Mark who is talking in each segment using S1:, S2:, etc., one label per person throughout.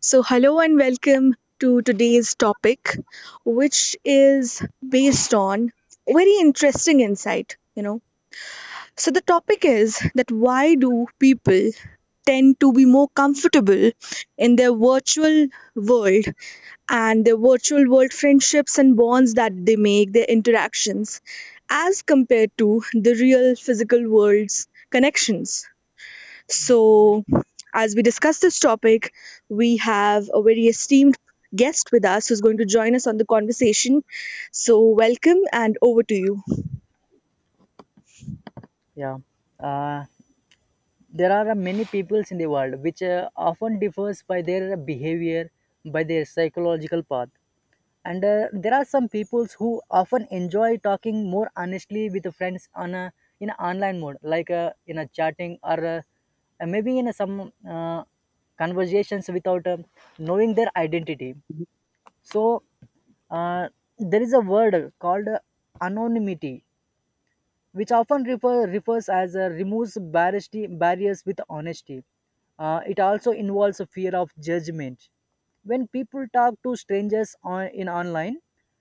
S1: So, hello and welcome to today's topic, which is based on a very interesting insight, you know. So, the topic is that why do people tend to be more comfortable in their virtual world and their virtual world friendships and bonds that they make, their interactions, as compared to the real physical world's connections? So, as we discuss this topic, we have a very esteemed guest with us who's going to join us on the conversation. So, welcome and over to you.
S2: Yeah. Uh, there are many peoples in the world which often differs by their behavior, by their psychological path. And There are some peoples who often enjoy talking more honestly with the friends on a in an online mode, like in a chatting or maybe in a, some conversations without knowing their identity. So uh, there is a word called anonymity which often refers as removes barriers with honesty. It also involves a fear of judgment. When people talk to strangers in online,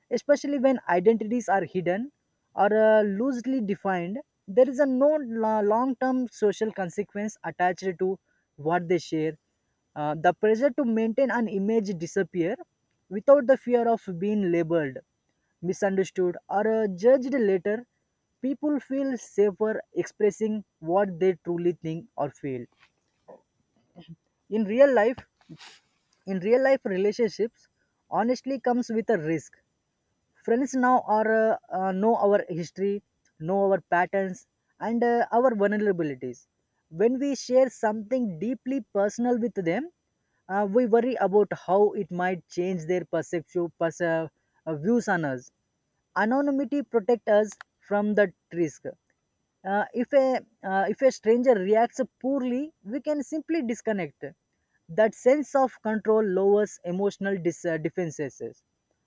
S2: especially when identities are hidden or loosely defined, there is a no long term social consequence attached to what they share. The pressure to maintain an image disappear without the fear of being labeled misunderstood, or judged later, people feel safer expressing what they truly think or feel. In real life, in real life relationships, honestly comes with a risk. Friends now are know our history, know our patterns, and our vulnerabilities. When we share something deeply personal with them, we worry about how it might change their views on us. Anonymity protects us from that risk. If a stranger reacts poorly, we can simply disconnect. That sense of control lowers defenses,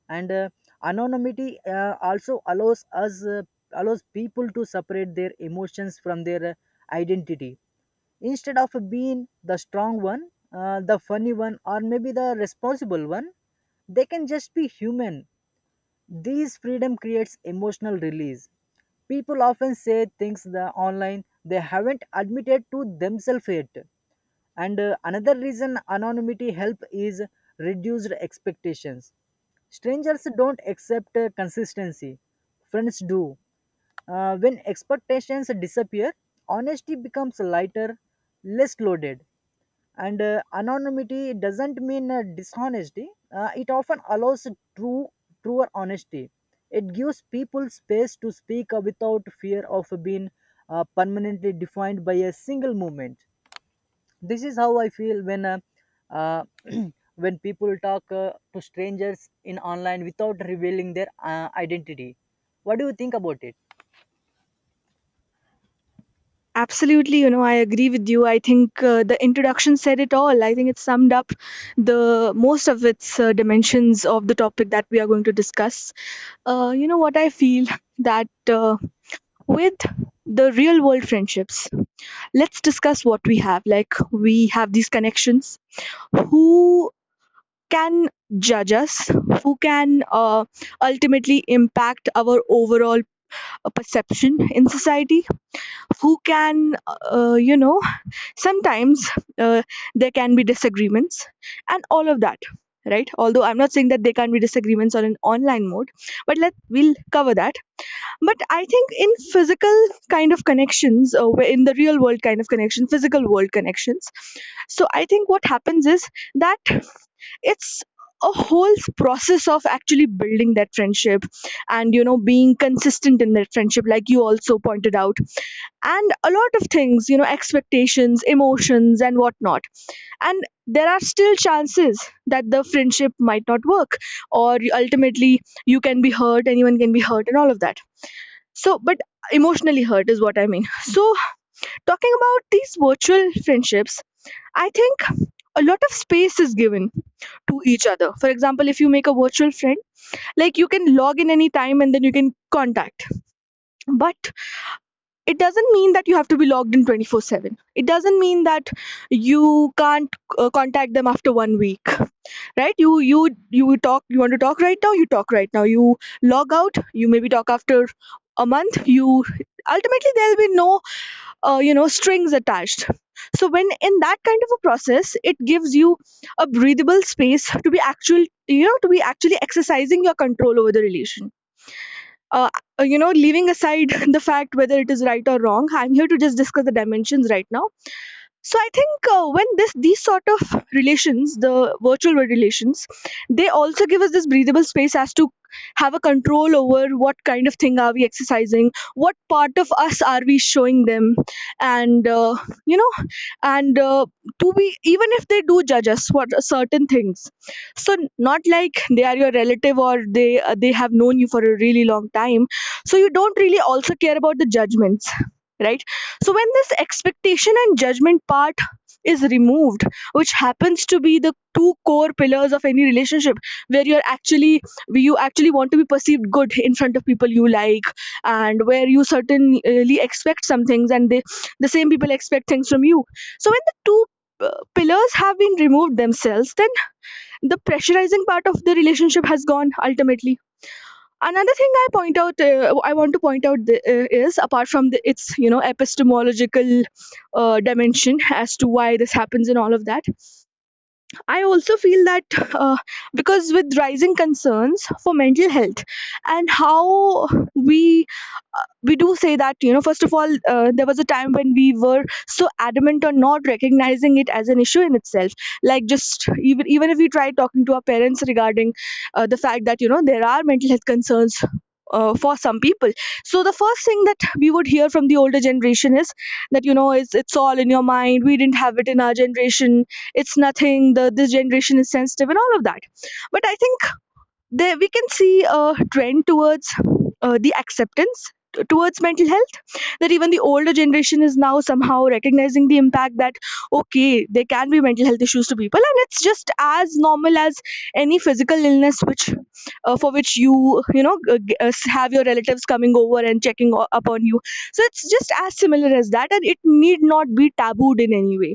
S2: and anonymity also allows people to separate their emotions from their identity. Instead of being the strong one, the funny one, or maybe the responsible one, they can just be human these freedom creates emotional release. People often say things the online they haven't admitted to themselves yet. And Another reason anonymity help is reduced expectations. Strangers don't accept consistency. Friends do. When expectations disappear, honesty becomes lighter, less loaded and anonymity doesn't mean dishonesty. It often allows true truer honesty. It gives people space to speak without fear of being permanently defined by a single movement. This is how I feel when uh, when people talk to strangers in online without revealing their identity. What do you think about it?
S1: Absolutely, you know, I agree with you. I think the introduction said it all. I think it summed up the most of its dimensions of the topic that we are going to discuss. You know what I feel that with the real world friendships, let's discuss what we have. Like, we have these connections who can judge us, who can ultimately impact our overall perception in society, who can, you know, sometimes uh, there can be disagreements and all of that, right? Although I'm not saying that there can not be disagreements on an online mode, but let we'll cover that. But I think in physical kind of connections, where in the real world kind of connection physical world connections. So I think what happens is that it's a whole process of actually building that friendship, and you know, being consistent in that friendship like you also pointed out, and a lot of things, you know, expectations, emotions, and whatnot. And there are still chances that the friendship might not work, or ultimately you can be hurt, anyone can be hurt, and all of that. So, but emotionally hurt is what I mean. So talking about these virtual friendships, I think a lot of space is given to each other. For example, if you make a virtual friend, like you can log in anytime and then you can contact. But it doesn't mean that you have to be logged in 24/7. It doesn't mean that you can't contact them after 1 week, right? You talk, you want to talk right now, you talk right now. You log out, you maybe talk after a month. You ultimately, there'll be no you know, strings attached. So when in that kind of a process, it gives you a breathable space to be actual, you know, to be actually exercising your control over the relation. uh, you know, leaving aside the fact whether it is right or wrong, I'm here to just discuss the dimensions right now. So I think when this these sort of relations, the virtual world relations, they also give us this breathable space as to have a control over what kind of thing are we exercising, what part of us are we showing them, and you know, and to be even if they do judge us for certain things. So, not like they are your relative or they have known you for a really long time. So you don't really also care about the judgments, right? So when this expectation and judgment part is removed, which happens to be the two core pillars of any relationship, where you're actually where you actually want to be perceived good in front of people you like, and where you certainly expect some things and the same people expect things from you. So when the two pillars have been removed themselves, then the pressurizing part of the relationship has gone ultimately. Another thing I point out, I want to point out is apart from the, its, you know, epistemological dimension as to why this happens and all of that, I also feel that uh, because with rising concerns for mental health, and how we we do say that, you know, first of all, there was a time when we were so adamant on not recognizing it as an issue in itself. Like, just even if we try talking to our parents regarding the fact that you know, there are mental health concerns for some people. So the first thing that we would hear from the older generation is that, you know, it's all in your mind, we didn't have it in our generation, it's nothing, the this generation is sensitive and all of that. But I think there we can see a trend towards the acceptance towards mental health, that even the older generation is now somehow recognizing the impact that okay, there can be mental health issues to people and it's just as normal as any physical illness, which for which you know, have your relatives coming over and checking upon you. So it's just as similar as that, and it need not be tabooed in any way.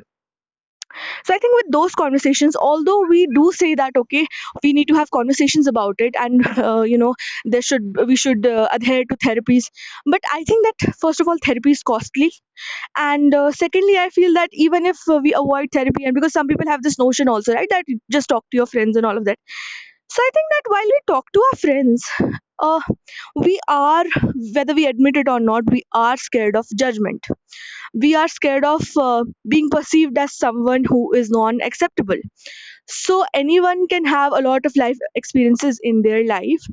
S1: So I think with those conversations, although we do say that okay, we need to have conversations about it, and you know, there should we should adhere to therapies. But I think that first of all, therapy is costly, and secondly, I feel that even if we avoid therapy, and because some people have this notion also, right, that you just talk to your friends and all of that. So I think that while we talk to our friends, uh, we are, whether we admit it or not, we are scared of judgment. We are scared of being perceived as someone who is non-acceptable. So anyone can have a lot of life experiences in their life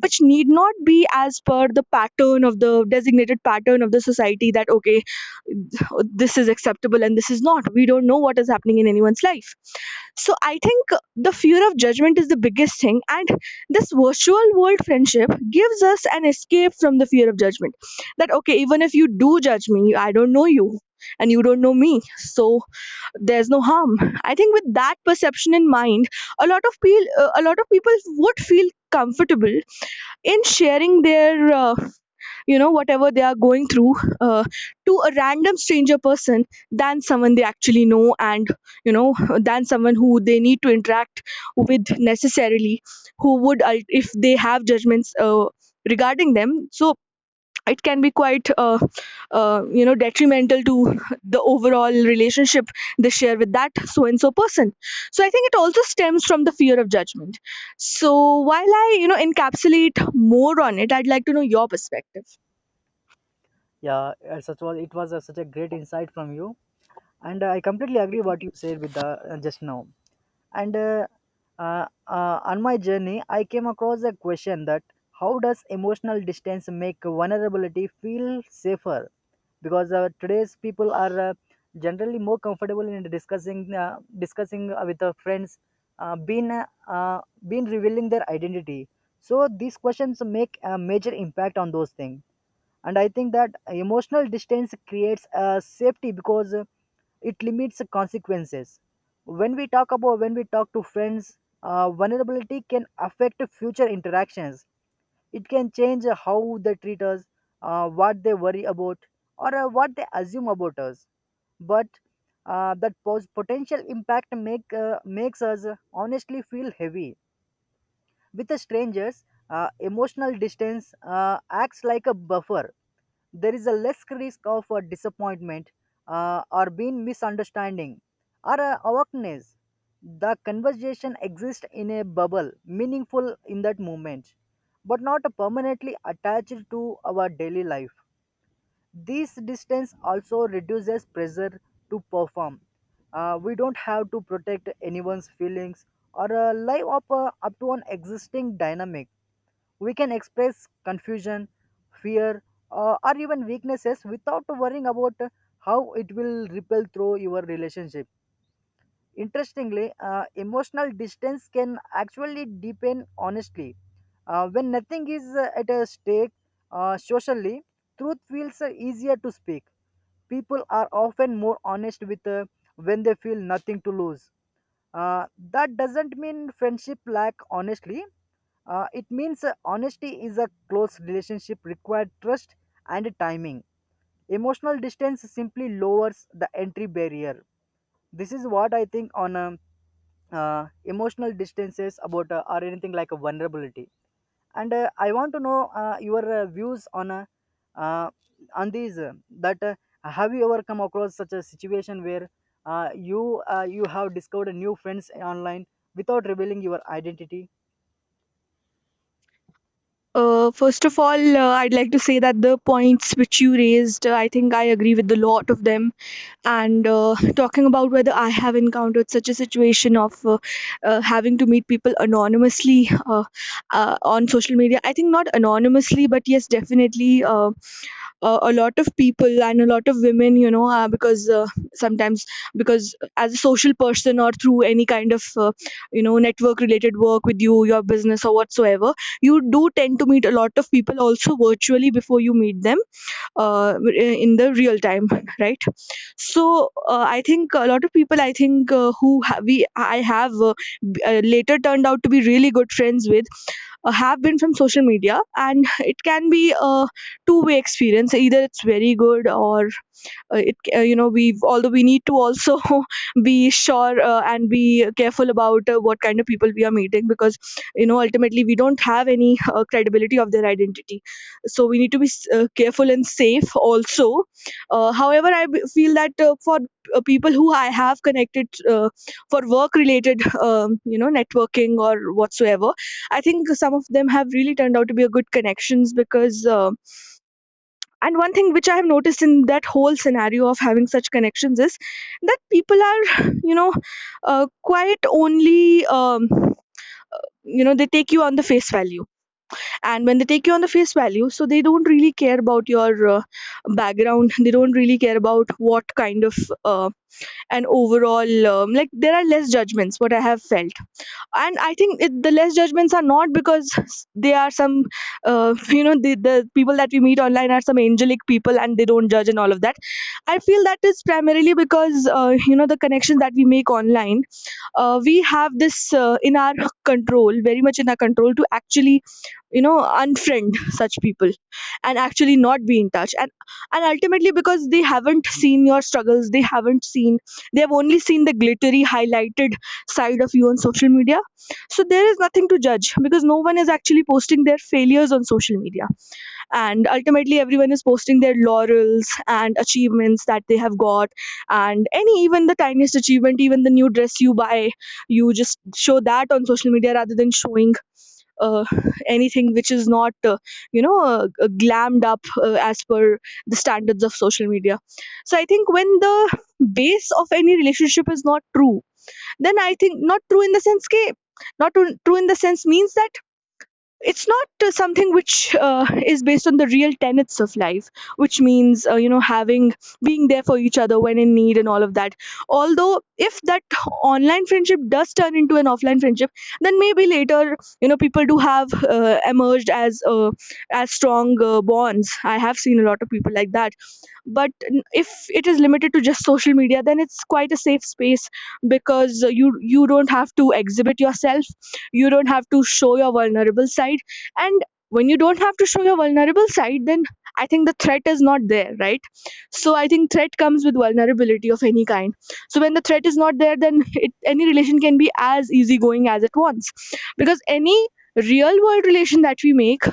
S1: which need not be as per the designated pattern of the society, that okay, this is acceptable and this is not. We don't know what is happening in anyone's life. So I think the fear of judgment is the biggest thing, and this virtual world friendship gives us an escape from the fear of judgment, that okay, even if you do judge me, I don't know you and you don't know me, so there's no harm. I think with that perception in mind, a lot of people, would feel comfortable in sharing their you know, whatever they are going through, uh, to a random stranger person than someone they actually know, and you know, than someone who they need to interact with necessarily, who would if they have judgments regarding them. So it can be quite you know, detrimental to the overall relationship they share with that so and so person. So I think it also stems from the fear of judgment. So while I, you know, encapsulate more on it, I'd like to know your perspective.
S2: Yeah. Such was it was Such a great insight from you, and I completely agree what you said with the just now. And On my journey I came across a question that how does emotional distance make vulnerability feel safer? Because today's people are generally more comfortable in discussing with their friends uh, been uh, uh, been revealing their identity. So these questions make a major impact on those things. And I think that emotional distance creates a safety because it limits consequences. When we talk to friends, vulnerability can affect future interactions. It can change how they treat us, what they worry about, or what they assume about us. But that potential impact makes us honestly feel heavy. With the strangers, emotional distance acts like a buffer. There is a less risk of disappointment, or being misunderstanding, or awakeness. The conversation exists in a bubble, meaningful in that moment, but not permanently attached to our daily life. This distance also reduces pressure to perform. We don't have to protect anyone's feelings or up to an existing dynamic. We can express confusion, fear, or even weaknesses without worrying about how it will ripple through your relationship. Interestingly, emotional distance can actually deepen honestly. When nothing is at a stake socially, truth feels easier to speak. People are often more honest with when they feel nothing to lose. Uh, that doesn't mean friendship lack honestly. It means honesty is a close relationship required trust and timing. Emotional distance simply lowers the entry barrier. This is what I think on emotional distances about or anything like a vulnerability. And I want to know your views uh, on these that have you ever come across such a situation where you have discovered new friends online without revealing your identity?
S1: First of all, I'd like to say that the points which you raised, I think I agree with a lot of them. And talking about whether I have encountered such a situation of having to meet people anonymously on social media. I think not anonymously, but yes, definitely a lot of people and a lot of women, you know, because sometimes, because as a social person or through any kind of you know, network related work with you, your business or whatsoever, you do tend to meet a lot of people also virtually before you meet them in the real time, right? So I think a lot of people, I think who ha- we I have later turned out to be really good friends with, have been from social media, and it can be a two-way experience, either it's very good or it you know, we, although we need to also be sure and be careful about what kind of people we are meeting, because you know, ultimately we don't have any credibility of their identity. So we need to be careful and safe also. However, I feel that for people who I have connected uh, for work related, you know, networking or whatsoever, I think some of them have really turned out to be a good connections, because and one thing which I have noticed in that whole scenario of having such connections is that people are, you know, quite only, you know, they take you on the face value. And when they take you on the face value, so they don't really care about your background. They don't really care about what kind of uh, an overall, like, there are less judgments, what I have felt. And I think the less judgments are not because they are some the people that we meet online are some angelic people and they don't judge and all of that. I feel that is primarily because the connection that we make online. We have this in our control, very much in our control, to actually you know unfriend such people and actually not be in touch. And ultimately because they haven't seen your struggles, they haven't seen, they have only seen the glittery highlighted side of you on social media. So there is nothing to judge because no one is actually posting their failures on social media, and ultimately everyone is posting their laurels and achievements that they have got, and any, even the tiniest achievement, even the new dress you buy, you just show that on social media rather than showing uh, anything which is not glammed up as per the standards of social media. So I think when the base of any relationship is not true, then I think not true in the sense ke not true, true in the sense means that it's not something which is based on the real tenets of life, which means having, being there for each other when in need and all of that. Although if that online friendship does turn into an offline friendship, then maybe later, you know, people do have emerged as strong bonds. I have seen a lot of people like that, but if it is limited to just social media, then it's quite a safe space, because you don't have to exhibit yourself, you don't have to show your vulnerable side. And when you don't have to show your vulnerable side, then I think the threat is not there, right? So I think threat comes with vulnerability of any kind. So when the threat is not there, then it, any relation can be as easygoing as it wants. Because any real world relation that we make,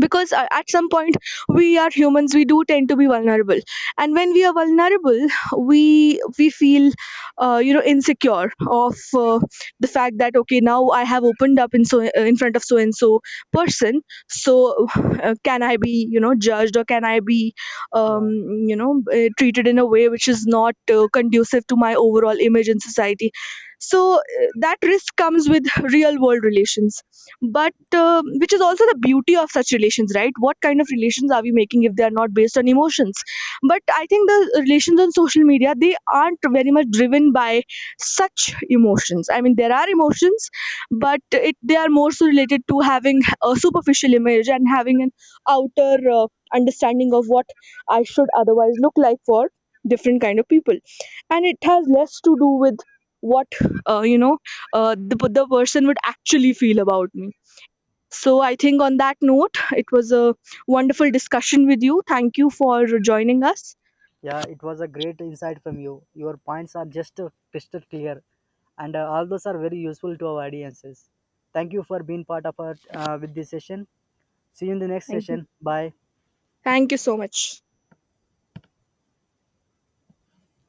S1: because at some point we are humans, we do tend to be vulnerable. And when we are vulnerable, we feel insecure of the fact that okay, now I have opened up in in front of so and so person. So can I be, you know, judged, or can I be um,
S2: Yeah.
S1: treated in a way which is not conducive to my overall image in society. So that risk comes with real world relations. But um, which is also the beauty of such relations, right? What kind of relations are we making if they are not based on emotions? But I think the relations on social media, they aren't very much driven by such emotions. I mean, there are emotions, but it, they are more so related to having a superficial image and having an outer understanding of what I should otherwise look like for different kind of people. And it has less to do with what uh, you know the person would actually feel about me. So I think on that note, it was a wonderful discussion with you. Thank you for joining us.
S2: Yeah, it was a great insight from you. Your points are just crystal clear, and all those are very useful to our audiences. Thank you for being part of our with this session. See you in the next
S1: Thank you.
S2: session. Bye.
S1: Thank you so much.